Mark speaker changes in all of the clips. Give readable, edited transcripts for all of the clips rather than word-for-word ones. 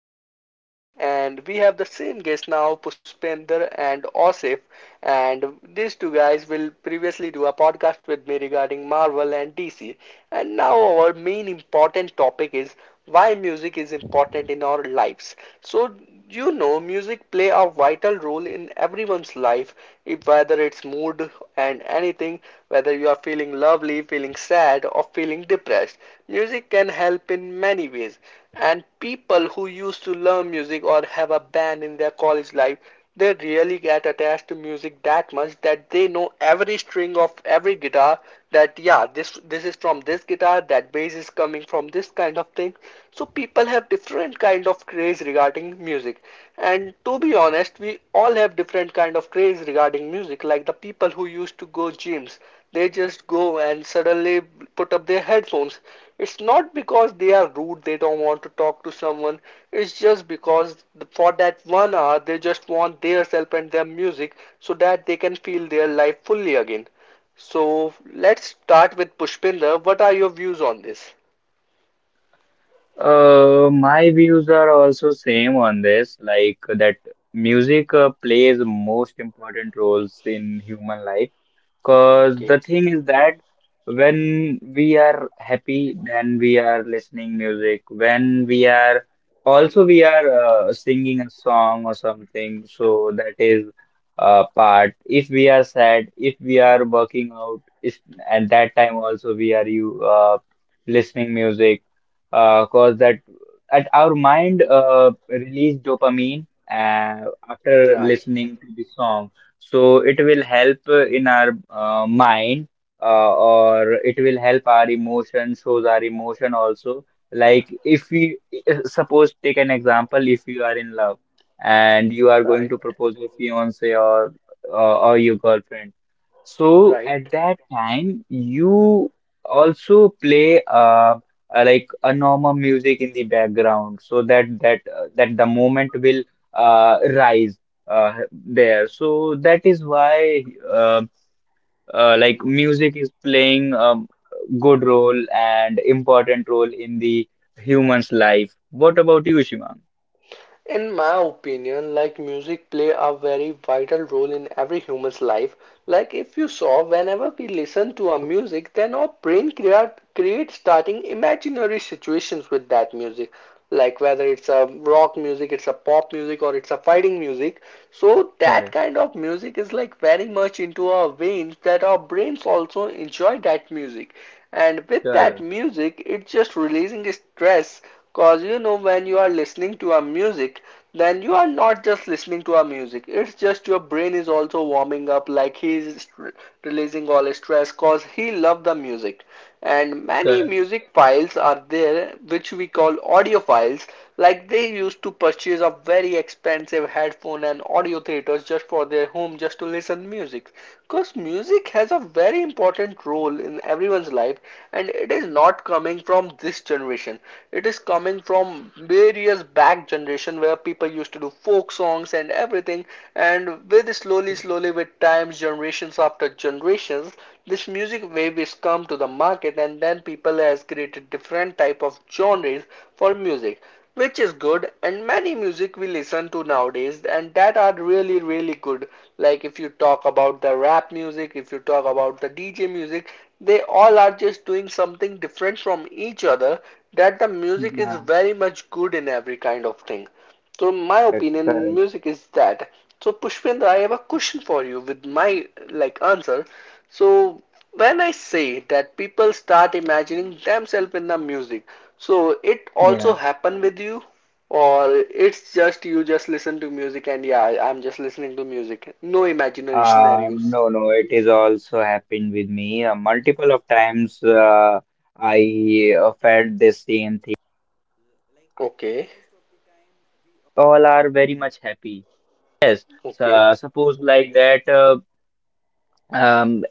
Speaker 1: with a new topic, and we have the same guests now, Pushpinder and Osif. And these two guys will previously do a podcast with me regarding Marvel and DC. And now, our main important topic is why music is important in our lives. So, music play a vital role in everyone's life, if whether it's mood and anything, whether you are feeling lovely, feeling sad, or feeling depressed. Music can help in many ways. And people who used to learn music or have a band in their college life they really get attached to music that much that they know every string of every guitar that yeah this is from this guitar, that bass is coming from this kind of thing. So people have different kind of craze regarding music, and to be honest we all have different kind of craze regarding music. Like the people who used to go gyms, they just go and suddenly put up their headphones. It's not because they are rude, they don't want to talk to someone. It's just because for that 1 hour they just want their self and their music so that they can feel their life fully again. So let's start with Pushpinder. What are your views on this?
Speaker 2: My views are also same on this, like that music plays most important roles in human life. Because the
Speaker 1: Okay,
Speaker 2: thing is that when we are happy, then we are listening music. When we are also we are singing a song or something, so that is a part. If we are sad, if we are working out, if at that time also we are you listening music, cause that at our mind release dopamine after
Speaker 1: right,
Speaker 2: listening to the song. So it will help in our mind, or it will help our emotion, shows our emotion also. Like if we eh, suppose take an example, if you are in love and you are going
Speaker 1: right,
Speaker 2: to propose your fiance or your girlfriend. So
Speaker 1: right.
Speaker 2: at that time, you also play like a normal music in the background so that that the moment will rise there. So that is why like music is playing a good role and important role in the human's life. What about you, Shimang?
Speaker 1: In my opinion, like music play a very vital role in every human's life. Like if you saw, whenever we listen to a music, then our brain creates starting imaginary situations with that music. Like whether it's a rock music, it's a pop music, or it's a fighting music. So that
Speaker 2: Correct.
Speaker 1: kind of music is like very much into our veins that our brains also enjoy that music. And with that
Speaker 2: Correct.
Speaker 1: music, it's just releasing stress. Cause when you are listening to a music, then you are not just listening to a music. It's just your brain is also warming up, like he's releasing all his stress. Cause he loved the music, and many music files are there which we call audio files, like they used to purchase a very expensive headphone and audio theaters just for their home just to listen music, because music has a very important role in everyone's life. And it is not coming from this generation, it is coming from various back generation where people used to do folk songs and everything. And with slowly slowly with times, generations after generations, this music wave is come to the market, and then people has created different type of genres for music, which is good. And many music we listen to nowadays and that are really really good, like if you talk about the rap music, if you talk about the DJ music, they all are just doing something different from each other, that the music is
Speaker 2: Correct.
Speaker 1: very much good in every kind of thing. So my opinion in music is that, so Pushpendra, I have a question for you with my like answer. So when I say that people start imagining themselves in the music, so it also happen with you, or it's just you just listen to music and yeah, I'm just listening to music. No imaginary scenarios. Okay, okay,
Speaker 2: um,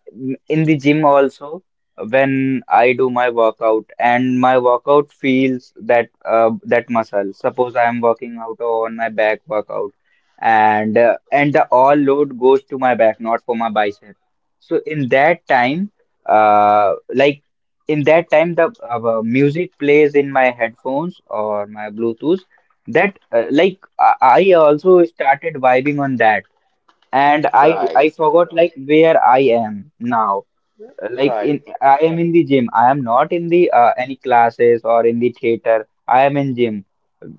Speaker 2: in the gym also when I do my workout and my workout feels that that muscle. Suppose I am working out on my back workout and and the all load goes to my back, not for my bicep. So in that time, uh, like in that time the music plays in my headphones or my Bluetooth that like I also started vibing on that, and I
Speaker 1: right,
Speaker 2: I forgot like where I am now, like,
Speaker 1: right,
Speaker 2: in I am in the gym. I am not in the any classes or in the theater. I am in gym.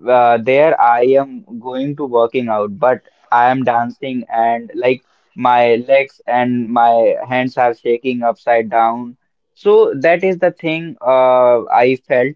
Speaker 2: There I am going to working out, but I am dancing and like my legs and my hands are shaking upside down. So that is the thing I felt.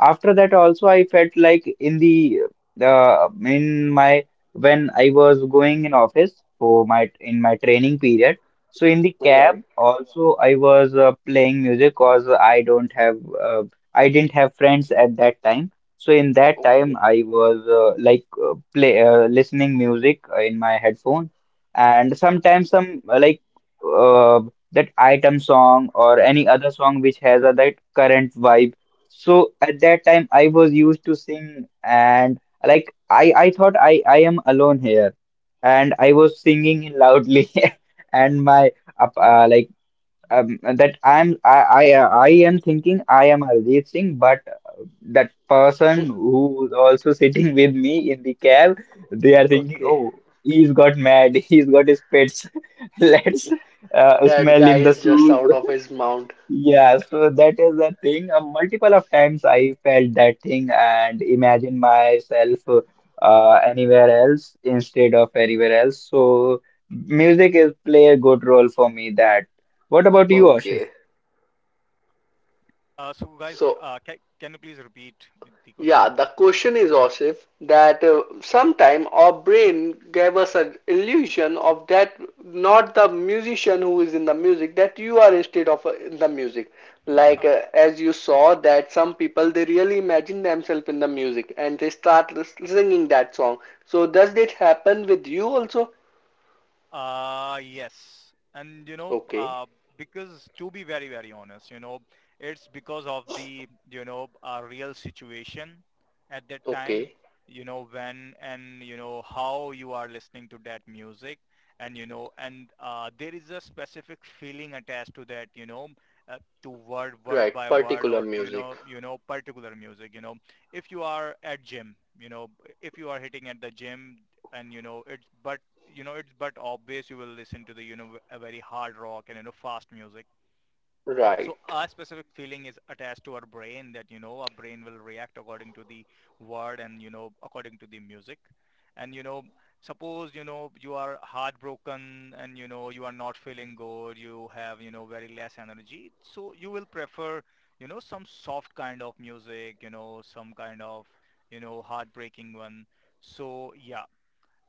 Speaker 2: After that also I felt like in the in my when I was going in office for my training period. So in the cab
Speaker 1: right.
Speaker 2: also, I was playing music because I didn't have friends at that time. So in that time,
Speaker 1: Okay,
Speaker 2: I was like play listening music in my headphone, and sometimes some like uh, that item song or any other song which has a that current vibe. So at that time, I was used to sing, and like I thought I am alone here, and I was singing loudly, and my up like that I'm I am thinking I am Hardeep Singh, but that person who's also sitting with me in the cab, they are thinking,
Speaker 1: okay.
Speaker 2: oh, he's got mad, he's got his pets. Let's
Speaker 1: That
Speaker 2: smell
Speaker 1: guy
Speaker 2: him the
Speaker 1: is just
Speaker 2: shoes.
Speaker 1: out of his mount.
Speaker 2: Yeah, so that is the thing. Multiple of times I felt that thing and imagined myself anywhere else instead of anywhere else. So music is play a good role for me that. What about you, Ashif?
Speaker 1: Okay,
Speaker 3: So guys,
Speaker 1: so
Speaker 3: can you please repeat the
Speaker 1: yeah,
Speaker 3: question?
Speaker 1: the question is, Osif, that sometime our brain gave us an illusion of that not the musician who is in the music, that you are instead of in the music. Like as you saw that some people they really imagine themselves in the music and they start lis- singing that song. So does it happen with you also?
Speaker 3: Yes. And you know,
Speaker 1: Okay,
Speaker 3: uh, because to be very, very honest, it's because of the real situation at that time,
Speaker 1: okay,
Speaker 3: you know, when how you are listening to that music. And, you know, and There is a specific feeling attached to that, you know, to word,
Speaker 1: right,
Speaker 3: word by word
Speaker 1: particular
Speaker 3: or,
Speaker 1: music.
Speaker 3: particular music, if you are at gym, if you are hitting at the gym and it's but obvious you will listen to the a very hard rock and fast music,
Speaker 1: Right,
Speaker 3: so our specific feeling is attached to our brain that our brain will react according to the word and according to the music. And you know Suppose you are heartbroken and you are not feeling good, you have very less energy, so you will prefer some soft kind of music, some kind of heartbreaking one. So yeah.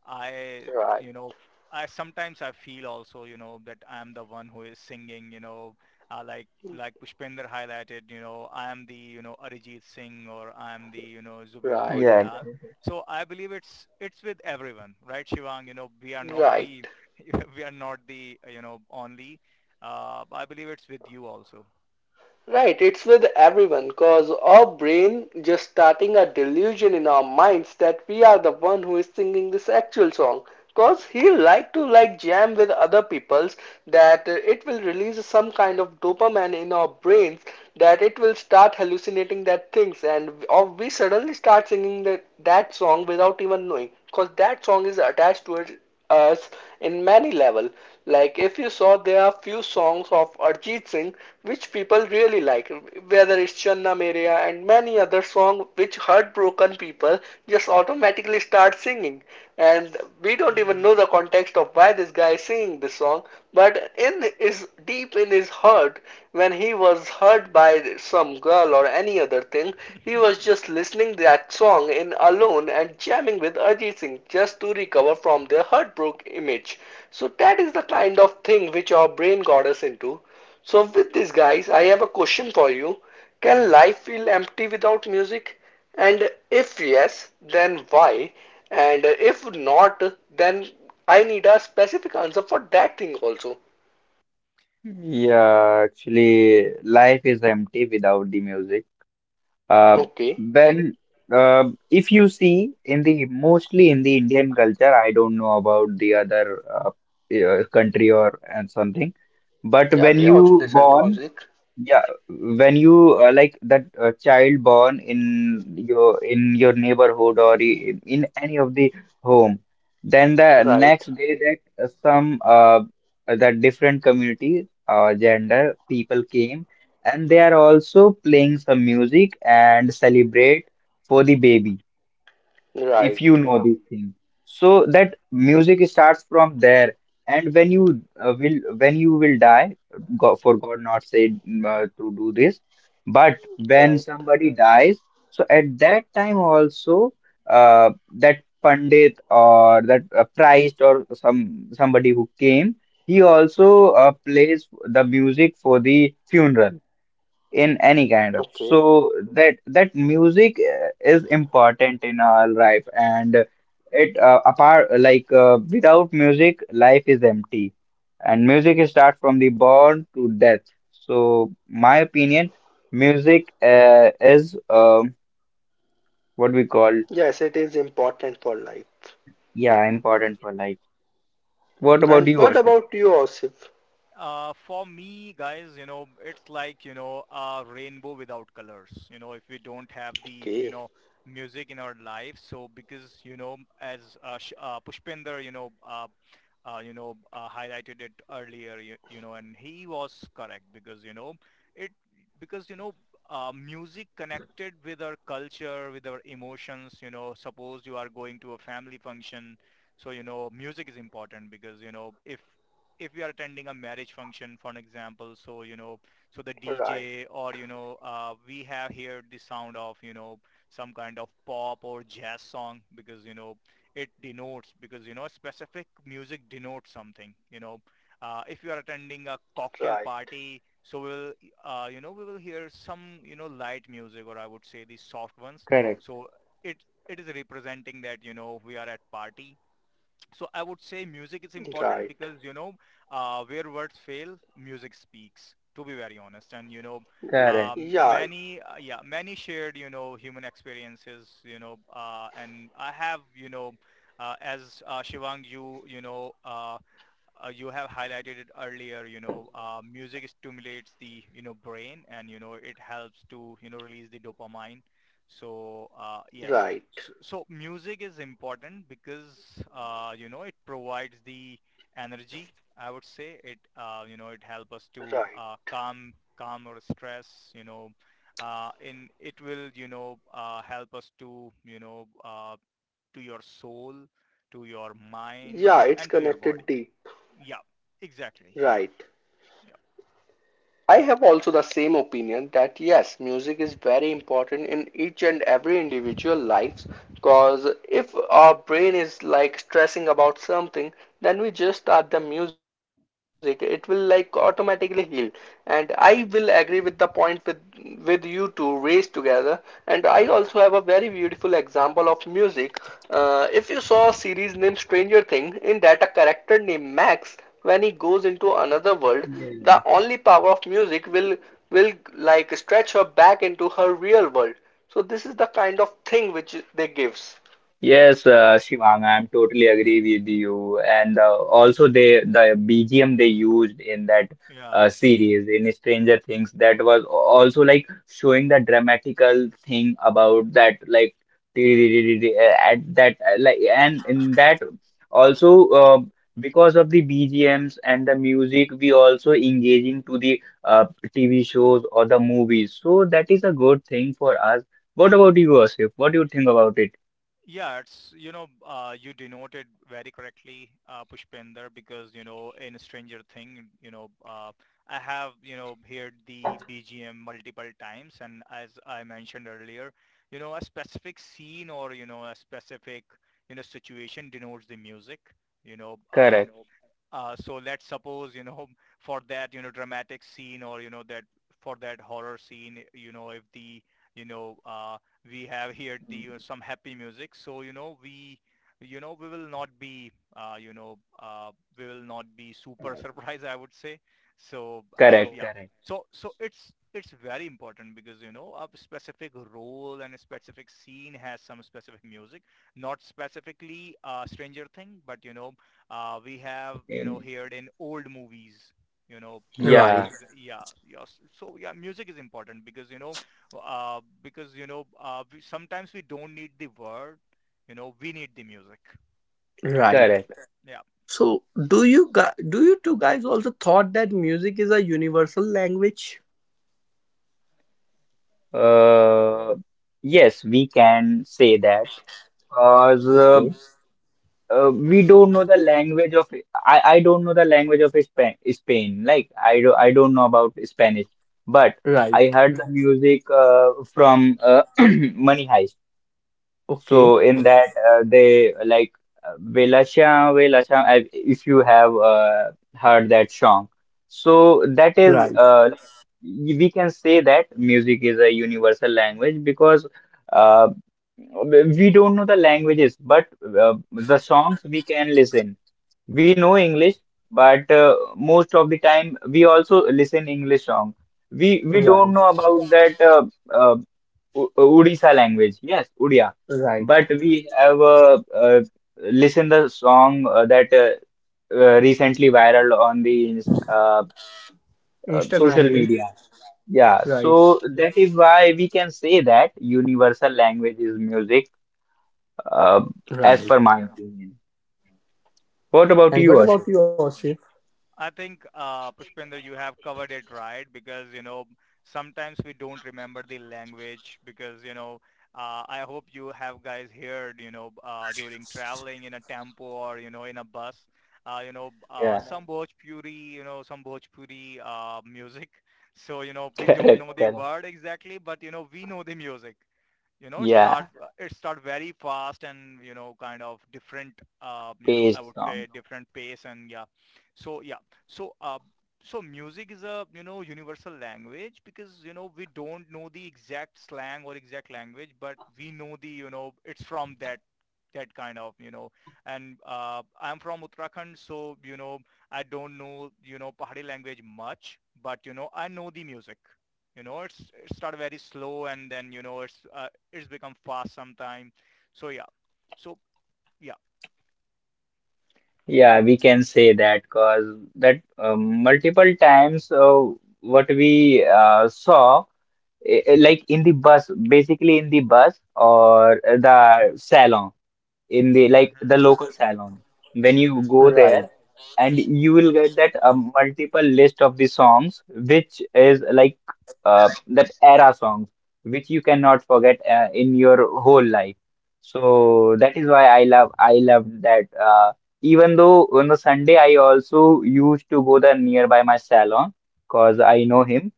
Speaker 3: I,
Speaker 1: right,
Speaker 3: I sometimes I feel also, you know, that I am the one who is singing, you know, uh, like like Pushpinder highlighted, you know, I am Arijit Singh or I am Zubin
Speaker 1: right,
Speaker 2: Yeah.
Speaker 3: Nautiyal. So I believe it's with everyone, right, Shivang? You know, we are not
Speaker 1: right.
Speaker 3: the we are not the only. I believe it's with you also.
Speaker 1: Right, it's with everyone because our brain just starting a delusion in our minds that we are the one who is singing this actual song. Because he like to like jam with other people's, that it will release some kind of dopamine in our brains, that it will start hallucinating that things, and or we suddenly start singing that, that song without even knowing, because that song is attached to it us in many level. Like if you saw, there are few songs of Arjit Singh which people really like, whether it's Channa Meria and many other songs which heartbroken people just automatically start singing, and we don't even know
Speaker 3: Mm-hmm.
Speaker 1: the context of why this guy is singing this song, but in his deep in his heart, when he was hurt by some girl or any other thing, he was
Speaker 3: Mm-hmm.
Speaker 1: just listening that song in alone and jamming with Ajit Singh just to recover from their heartbroken image. So that is the kind of thing which our brain got us into. So, with this, guys, I have a question for you. Can life feel empty without music? And if yes, then why? And if not, then I need a specific answer for that thing also.
Speaker 2: Yeah, actually, life is empty without the music. Uh,
Speaker 1: Okay.
Speaker 2: when uh, if you see in the mostly in the Indian culture, I don't know about the other country or and something, but
Speaker 1: Yeah,
Speaker 2: when
Speaker 1: they also
Speaker 2: you
Speaker 1: listen to
Speaker 2: born,
Speaker 1: music.
Speaker 2: yeah, when you like that child born in your neighborhood or in any of the home, then the
Speaker 1: Right.
Speaker 2: next day that some that different community gender people came and they are also playing some music and celebrate for the baby, if you
Speaker 1: Right.
Speaker 2: know these thing, so that music starts from there, and when you will when you will die, god, for god not said to do this, but when
Speaker 1: Right.
Speaker 2: somebody dies, so at that time also that pandit or that priest or some somebody who came, he also plays the music for the funeral in any kind of,
Speaker 1: Okay.
Speaker 2: so that that music is important in our life, and it apart like without music life is empty, and music starts from the born to death. So my opinion, music is what we call
Speaker 1: Yes, it is important for life.
Speaker 2: yeah, important for life. What about
Speaker 1: And
Speaker 2: you,
Speaker 1: what
Speaker 2: Ashik?
Speaker 1: about you, Osif?
Speaker 3: For me, guys, you know, it's like, you know, a rainbow without colors, you know, if we don't have the, you
Speaker 1: Okay.
Speaker 3: know, music in our life. So because, you know, as Pushpinder, highlighted it earlier, you know, and he was correct because, it, you know, music connected with our culture, with our emotions, you know, suppose you are going to a family function, so you know music is important because if we are attending a marriage function, for an example, so, you know, so the
Speaker 1: Right.
Speaker 3: DJ or, we have here the sound of, you know, some kind of pop or jazz song because, you know, it denotes, because, you know, specific music denotes something, you know. If you are attending a
Speaker 1: Right.
Speaker 3: cocktail party, so we'll, you know, we will hear some, you know, light music or I would say the soft ones.
Speaker 2: Correct.
Speaker 3: So it, it is representing that, you know, we are at party, so I would say music is
Speaker 1: Right.
Speaker 3: important because where words fail, music speaks. To be very honest, and you know,
Speaker 2: Correct.
Speaker 1: Yeah.
Speaker 3: many yeah, many shared you know human experiences, you know, and I have you know, as Shivang, you have highlighted it earlier, you know, music stimulates the, you know, brain and, you know, it helps to, you know, release the dopamine. So, yes.
Speaker 1: Right.
Speaker 3: So, so music is important because, you know, it provides the energy, I would say. You know, it helps us to
Speaker 1: Right.
Speaker 3: calm our stress, you know, in it will, you know, help us to, to your soul, to your mind
Speaker 1: Yeah, it's
Speaker 3: and to your
Speaker 1: connected
Speaker 3: body.
Speaker 1: deep.
Speaker 3: Yeah, exactly. Yeah,
Speaker 1: Right.
Speaker 3: yeah,
Speaker 1: I have also the same opinion that yes, music is very important in each and every individual lives, because if our brain is like stressing about something, then we just start the music. It will like automatically heal. And I will agree with the point with you two raised together. And I also have a very beautiful example of music. If you saw a series named Stranger Thing, in that a character named Max, when he goes into another world, the only power of music will like stretch her back into her real world. So this is the kind of thing which they gives.
Speaker 2: Yes, Shivang, I'm totally agree with you. And also they the BGM they used in that
Speaker 3: yeah,
Speaker 2: series in Stranger Things, that was also like showing the dramatical thing about that like at that like and in that also because of the BGMs and the music we also engaging to the TV shows or the movies. So that is a good thing for us. What about you, Asif? What do you think about it?
Speaker 3: yeah. It's you know you denoted very correctly, Pushpinder, because you know in Stranger Thing, I have you know heard the BGM multiple times, and as I mentioned earlier, you know a specific scene or you know a specific you know situation denotes the music. You know,
Speaker 2: Correct.
Speaker 3: So let's suppose, you know, for that, you know, dramatic scene or, you know, that for that horror scene, you know, if the, you know, we have here the you know, some happy music. So, you know, we will not be, we will not be super surprised, I would say. So,
Speaker 2: Correct, so,
Speaker 3: yeah.
Speaker 2: correct.
Speaker 3: So, so it's very important because, you know, a specific role and a specific scene has some specific music, not specifically Stranger Thing, but, you know, we have you know
Speaker 2: In-
Speaker 3: heard in old movies you know
Speaker 4: Right,
Speaker 2: yeah,
Speaker 3: yeah, yes, so yeah, music is important because you know we, sometimes we don't need the word, you know we need the music.
Speaker 4: right.
Speaker 2: correct.
Speaker 3: Yeah.
Speaker 4: So, do you two guys also thought that music is a universal language?
Speaker 2: Uh, yes, we can say that because
Speaker 4: Okay.
Speaker 2: we don't know the language of I don't know the language of Spain, Spain. Like I do, I don't know about Spanish, but I heard the
Speaker 4: Right.
Speaker 2: music from Money Heist. So in
Speaker 4: Okay.
Speaker 2: that they like Velasha Velasha, if you have heard that song. So that is
Speaker 4: Right.
Speaker 2: we can say that music is a universal language because uh, we don't know the languages, but the songs we can listen. We know English, but most of the time we also listen English song. We don't know about
Speaker 4: Right.
Speaker 2: that uh, O- Odisha language. Yes, Odia. But we have
Speaker 4: Right.
Speaker 2: listened the song that recently viral on the uh, social media.
Speaker 4: Instagram
Speaker 2: Yeah,
Speaker 3: Hmm.
Speaker 4: reels.
Speaker 2: so that
Speaker 4: Right.
Speaker 2: is why we can say that universal language is music, uh, as per my opinion.
Speaker 4: Right.
Speaker 2: What about you, Ashif?
Speaker 4: And what about you,
Speaker 3: I
Speaker 4: Osif?
Speaker 3: think, Pushpinder, you have covered it right because, you know, sometimes we don't remember the language because, you know, I hope you have guys heard, you know, during traveling in a tempo or, you know, in a bus,
Speaker 2: Yeah,
Speaker 3: some Bhojpuri, you know, some Bhojpuri music. So, you know, we don't
Speaker 2: correct,
Speaker 3: know the
Speaker 2: correct.
Speaker 3: word exactly, but, you know, we know the music. You know
Speaker 2: Yeah,
Speaker 3: it start very fast and you know kind of different you know I
Speaker 2: taste
Speaker 3: would
Speaker 2: song.
Speaker 3: say different pace and yeah, so yeah, so, so music is a, you know, universal language because, you know, we don't know the exact slang or exact language, but we know you know, it's from that that kind of, you know, and I'm from Uttarakhand, so, you know, I don't know, you know, Pahari language much, but, you know, I know the music. You know, it started very slow and then, you know, it's become fast sometime. So yeah. So yeah.
Speaker 2: Yeah, we can say that because that multiple times what we saw. Like in the bus, basically in the bus or the salon, in the like
Speaker 3: Mm-hmm.
Speaker 2: the local salon. When
Speaker 4: Right.
Speaker 2: you go there, and you will get that multiple list of the songs, which is like that era songs, which you cannot forget in your whole life. So that is why I love that. Even though on the Sunday I also used to go the nearby my salon because I know him,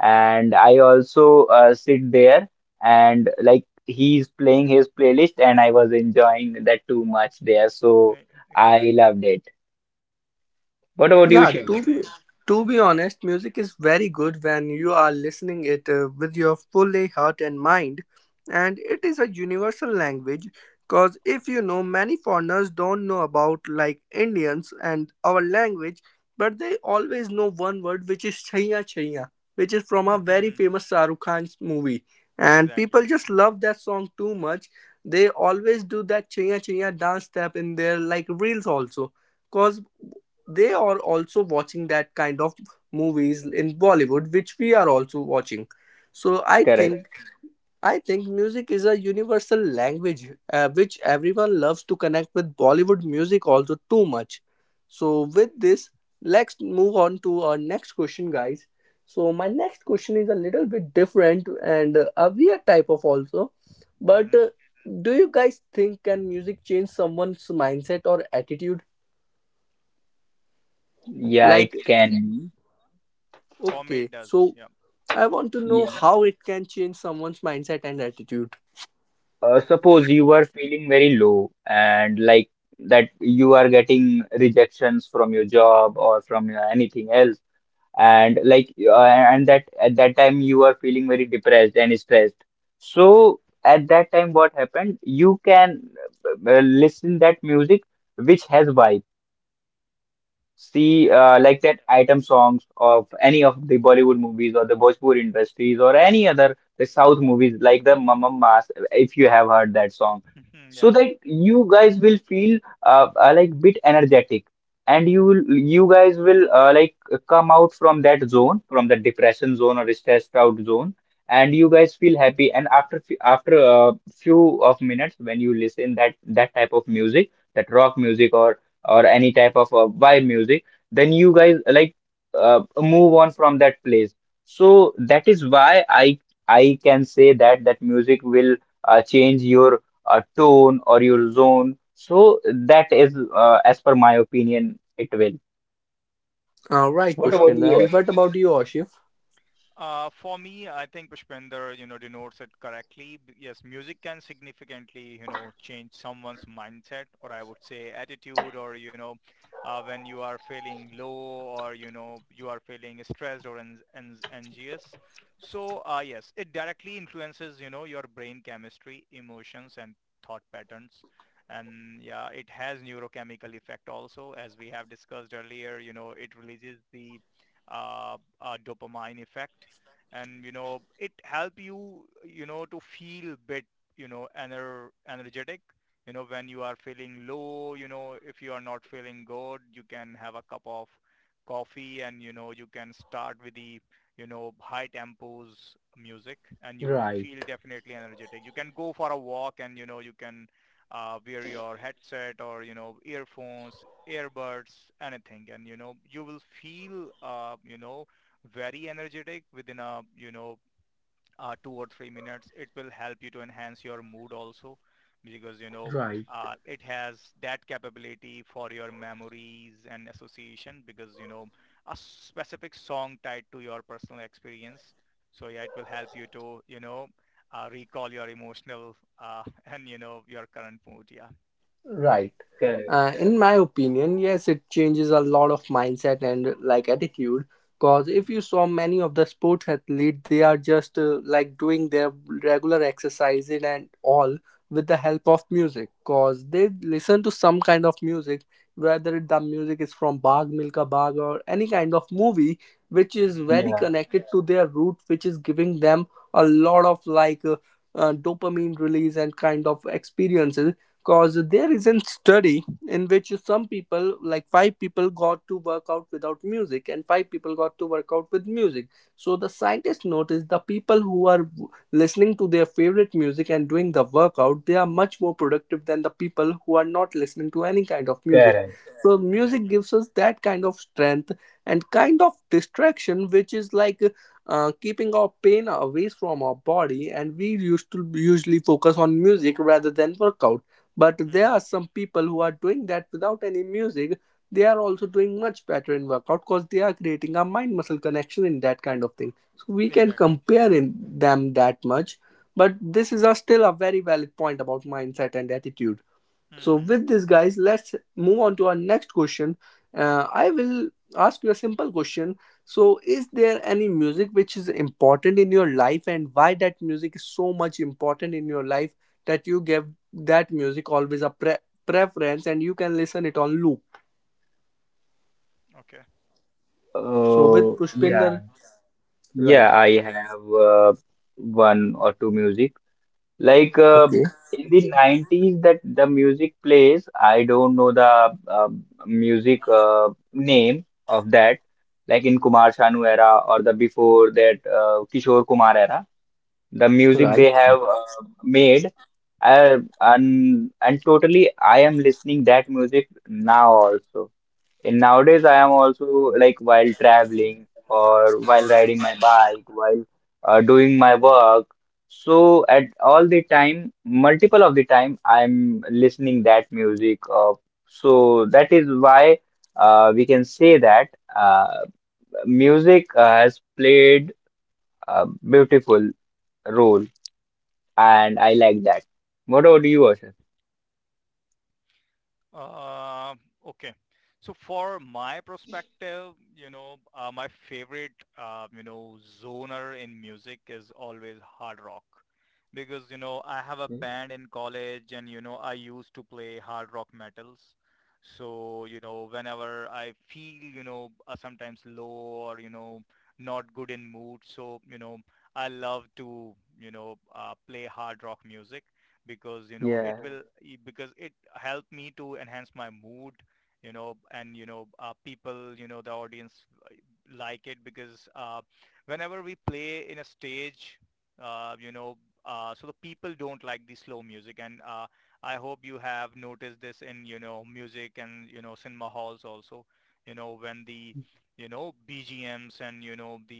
Speaker 2: and I also sit there, and like he's playing his playlist, and I was enjoying that too much there, so I loved it. What
Speaker 4: Yeah,
Speaker 2: about you,
Speaker 4: to
Speaker 2: Shiv?
Speaker 4: be to be honest, music is very good when you are listening it with your fully heart and mind, and it is a universal language. Cause if you know, many foreigners don't know about like Indians and our language, but they always know one word which is chaya chaya, which is from a very famous Sarukhan's Khan's movie, and people just love that song too much. They always do that chaya chaya dance step in their like reels also. Cause they are also watching that kind of movies in Bollywood which we are also watching, so i
Speaker 2: Correct.
Speaker 4: think i think music is a universal language which everyone loves to connect with Bollywood music also too much. So with this, let's move on to our next question, guys. So my next question is a little bit different and a weird type of also, but do you guys think can music change someone's mindset or attitude,
Speaker 2: Yeah,
Speaker 4: like
Speaker 2: it can be.
Speaker 4: okay, so I want to know
Speaker 2: Yeah.
Speaker 4: how it can change someone's mindset and attitude.
Speaker 2: Suppose you are feeling very low and like that you are getting rejections from your job or from your anything else, and that at that time you are feeling very depressed and stressed. So at that time what happened, you can listen that music which has vibe. See like that item songs of any of the Bollywood movies or the Bhojpuri industries or any other the South movies like the Mamma Mas. If you have heard that song, so that you guys will feel like bit energetic, and you guys will like come out from that zone, from the depression zone or stressed out zone, and you guys feel happy. And after a few of minutes when you listen that that type of music, that rock music or any type of vibe music, then you guys like move on from that place. So that is why I can say that that music will change your tone or your zone. So that is, as per my opinion, it will.
Speaker 4: All right,
Speaker 2: What about
Speaker 4: Pushpin.
Speaker 2: you,
Speaker 4: And
Speaker 2: Ashish?
Speaker 4: what about you, Ashif? Right, right. Right.
Speaker 2: Correct.
Speaker 4: In my opinion, yes, it changes a lot of mindset and like attitude. Cause if you saw many of the sports athletes, they are just like doing their regular exercising and all with the help of music. Cause they listen to some kind of music, whether the music is from Bag Milka Bag or any kind of movie, which is very
Speaker 2: Yeah,
Speaker 4: connected to their root, which is giving them a lot of like dopamine release and kind of experiences, because there is a study in which some people like five people got to work out without music and five people got to work out with music, so the scientists noticed the people who are listening to their favorite music and doing the workout, they are much more productive than the people who are not listening to any kind of music.
Speaker 2: correct.
Speaker 4: So music gives us that kind of strength and kind of distraction which is like keeping our pain away from our body, and we used to usually focus on music rather than workout. But there are some people who are doing that without any music. They are also doing much better in workout because they are creating a mind muscle connection in that kind of thing. So we can compare in them that much. But this is a still a very valid point about mindset and attitude. So, with this, guys, let's move on to our next question. I will ask you a simple question. So, is there any music which is important in your life, and why that music is so much important in your life that you give that music always a preference, and you can listen it on loop? So, with
Speaker 2: Uh, yeah,
Speaker 4: Pushpinder, right?
Speaker 2: yeah, I have one or two music. Like
Speaker 4: Okay,
Speaker 2: in the 90s, that the music plays, I don't know the music name of that, like in Kumar Sanu era or the before that Kishore Kumar era, the music
Speaker 4: right.
Speaker 2: they have made. And totally, I am listening that music now also. And nowadays, I am also like while traveling or while riding my bike, while doing my work. So at all the time, multiple of the time, I'm listening that music. So that is why we can say that uh, music has played a beautiful role, and I like that. What about you, Asher? Yeah.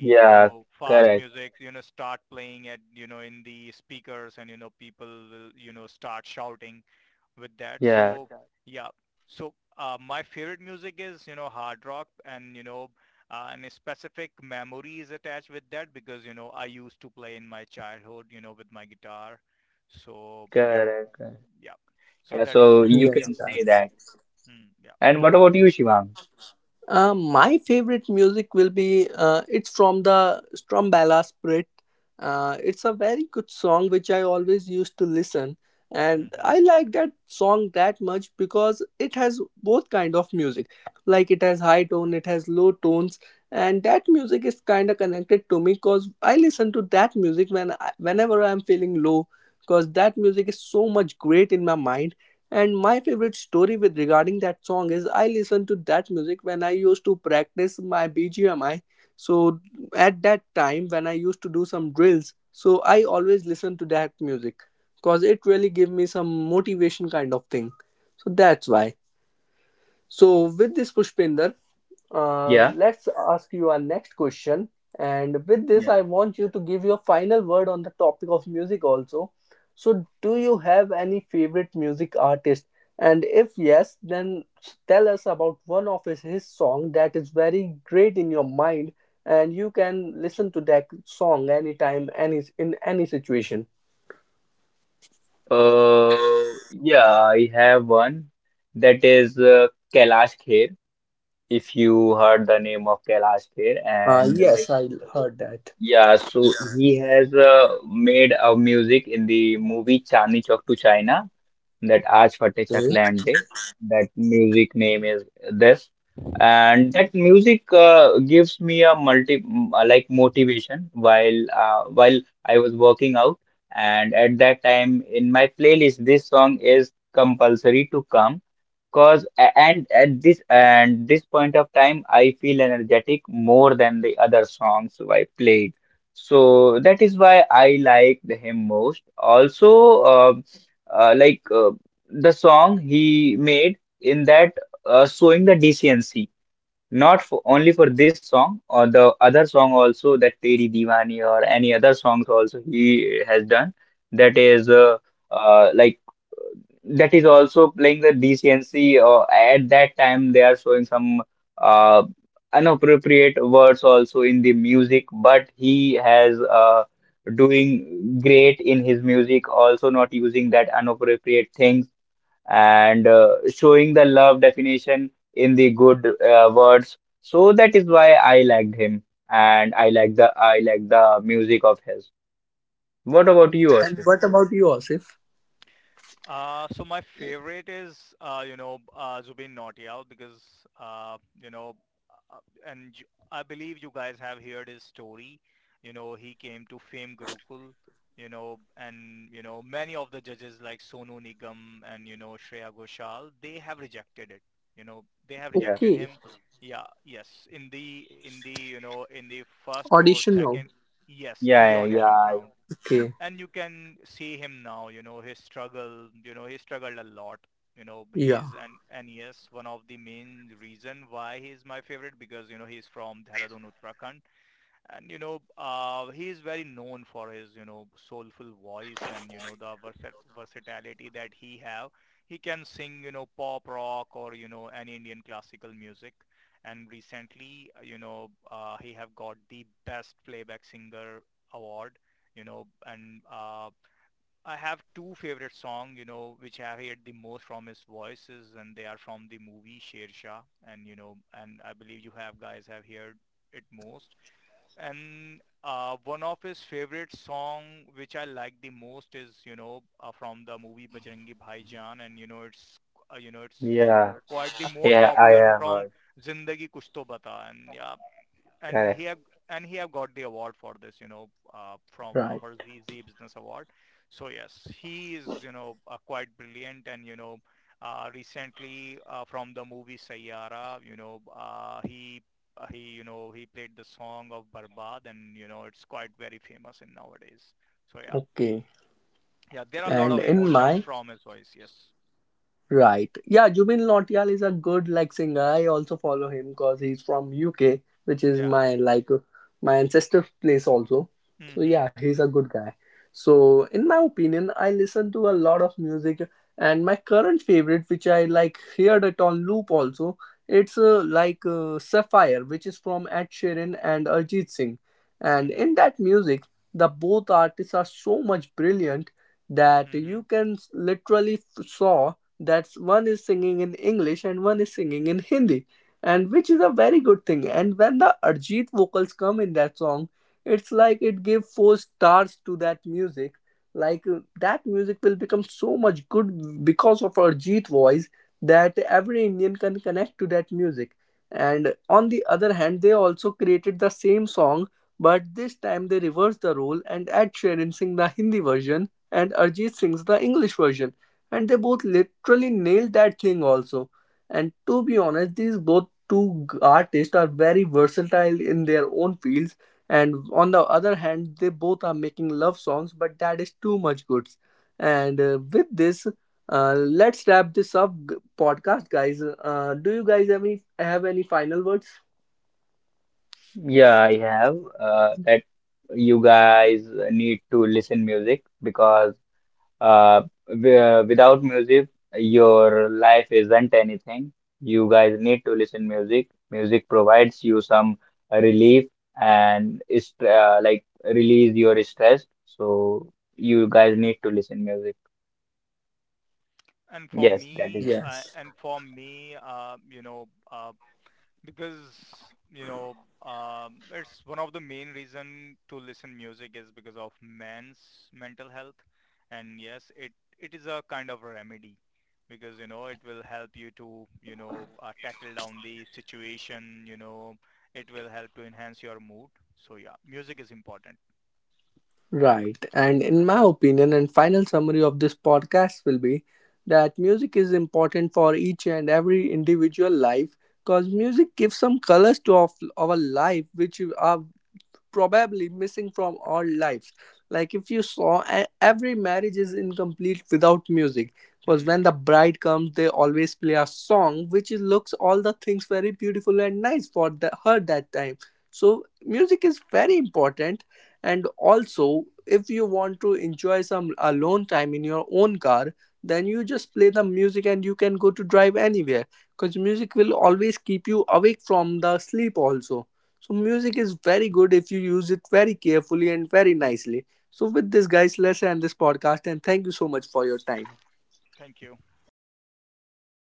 Speaker 2: Yeah, correct. Yeah, correct. Correct. Yeah, so you can
Speaker 4: Yes,
Speaker 2: say
Speaker 4: guys.
Speaker 2: that. And what about you, Shivang?
Speaker 4: My favorite music will be it's from the Strombala Spirit. It's a very good song which I always used to listen, and I like that song that much because it has both kind of music. Like it has high tone, it has low tones, and that music is kind of connected to me because I listen to that music when I, whenever I'm feeling low. Because that music is so much great in my mind, and my favorite story with regarding that song is I listened to that music when I used to practice my BGMI. So at that time when I used to do some drills, so I always listen to that music because it really gave me some motivation kind of thing. So that's why. So with this, Pushpinder,
Speaker 2: Yeah,
Speaker 4: let's ask you our next question. And with this,
Speaker 2: yeah.
Speaker 4: I want you to give your final word on the topic of music also. So, do you have any favorite music artist? And if yes, then tell us about one of his song that is very great in your mind, and you can listen to that song anytime, any in any situation.
Speaker 2: Uh, yeah, I have one, that is Kailash Kher. If you heard the name of Kailash Kher,
Speaker 4: Uh,
Speaker 2: and
Speaker 4: yes,
Speaker 2: like,
Speaker 4: I heard that.
Speaker 2: yeah, so he has made a music in the movie Chandni Chowk to China, that Aaj Fate Chak
Speaker 4: Okay.
Speaker 2: Lande, that music name is this, and that music gives me a like motivation while I was working out, and at that time in my playlist, this song is compulsory to come. Cause a- and at this and this point of time, I feel energetic more than the other songs I played. So that is why I like him most. Also, uh, like uh, the song he made in that showing the decency. Not for, only for this song or the other song also, that Teri Diwani or any other songs also he has done. That is uh, like that is also playing the DCNC. At that time, they are showing some uh, inappropriate words also in the music, but he has doing great in his music. Also, not using that inappropriate things, and showing the love definition in the good words. So that is why I liked him, and I like the music of his. What about you,
Speaker 4: And
Speaker 2: Ashif?
Speaker 4: what about you, Asif?
Speaker 2: Yeah.
Speaker 4: Okay, audition now.
Speaker 2: Yeah, yeah,
Speaker 4: Okay, yeah,
Speaker 2: yeah, yeah. I have heard. Correct.
Speaker 4: right. Okay. And in my. Right. Yeah, Jubin Nautiyal is a good like singer. I also follow him because he's from UK, which is my like my ancestor's place also. So yeah, he's a good guy. So in my opinion, I listen to a lot of music, and my current favorite, which I like heard it on loop also, it's Sapphire, which is from Ed Sheeran and Arjit Singh. And in that music, the both artists are so much brilliant that you can literally saw that's one is singing in English and one is singing in Hindi, and which is a very good thing. And when the Arjit vocals come in that song, it's like it gave four stars to that music, like that music will become so much good because of Arjit voice, that every Indian can connect to that music. And on the other hand, they also created the same song, but this time they reverse the role, and Ed Sheeran sing the Hindi version and Arjit sings the English version, and they both literally nailed that thing also. And to be honest, these both two artists are very versatile in their own fields. And on the other hand, they both are making love songs, but that is too much goods. And with this, let's wrap this up, podcast, guys. Do you guys have any final words?
Speaker 2: Yeah, I have. That you guys need to listen music because Uh, without music, your life isn't anything. You guys need to listen music. Music provides you some relief and is like release your stress. So you guys need to listen music. Yes, that is.
Speaker 4: Yes. Right. And in my opinion, and final summary of this podcast will be that music is important for each and every individual life because music gives some colors to of, our life which are probably missing from our lives. Like if you saw, every marriage is incomplete without music. Because when the bride comes, they always play a song which looks all the things very beautiful and nice for the, her that time. So music is very important. And also, if you want to enjoy some alone time in your own car, then you just play the music and you can go to drive anywhere because music will always keep you awake from the sleep also. So music is very good if you use it very carefully and very nicely. So with this, guys, let's end this podcast, and thank you so much for your time.
Speaker 2: Bye bye.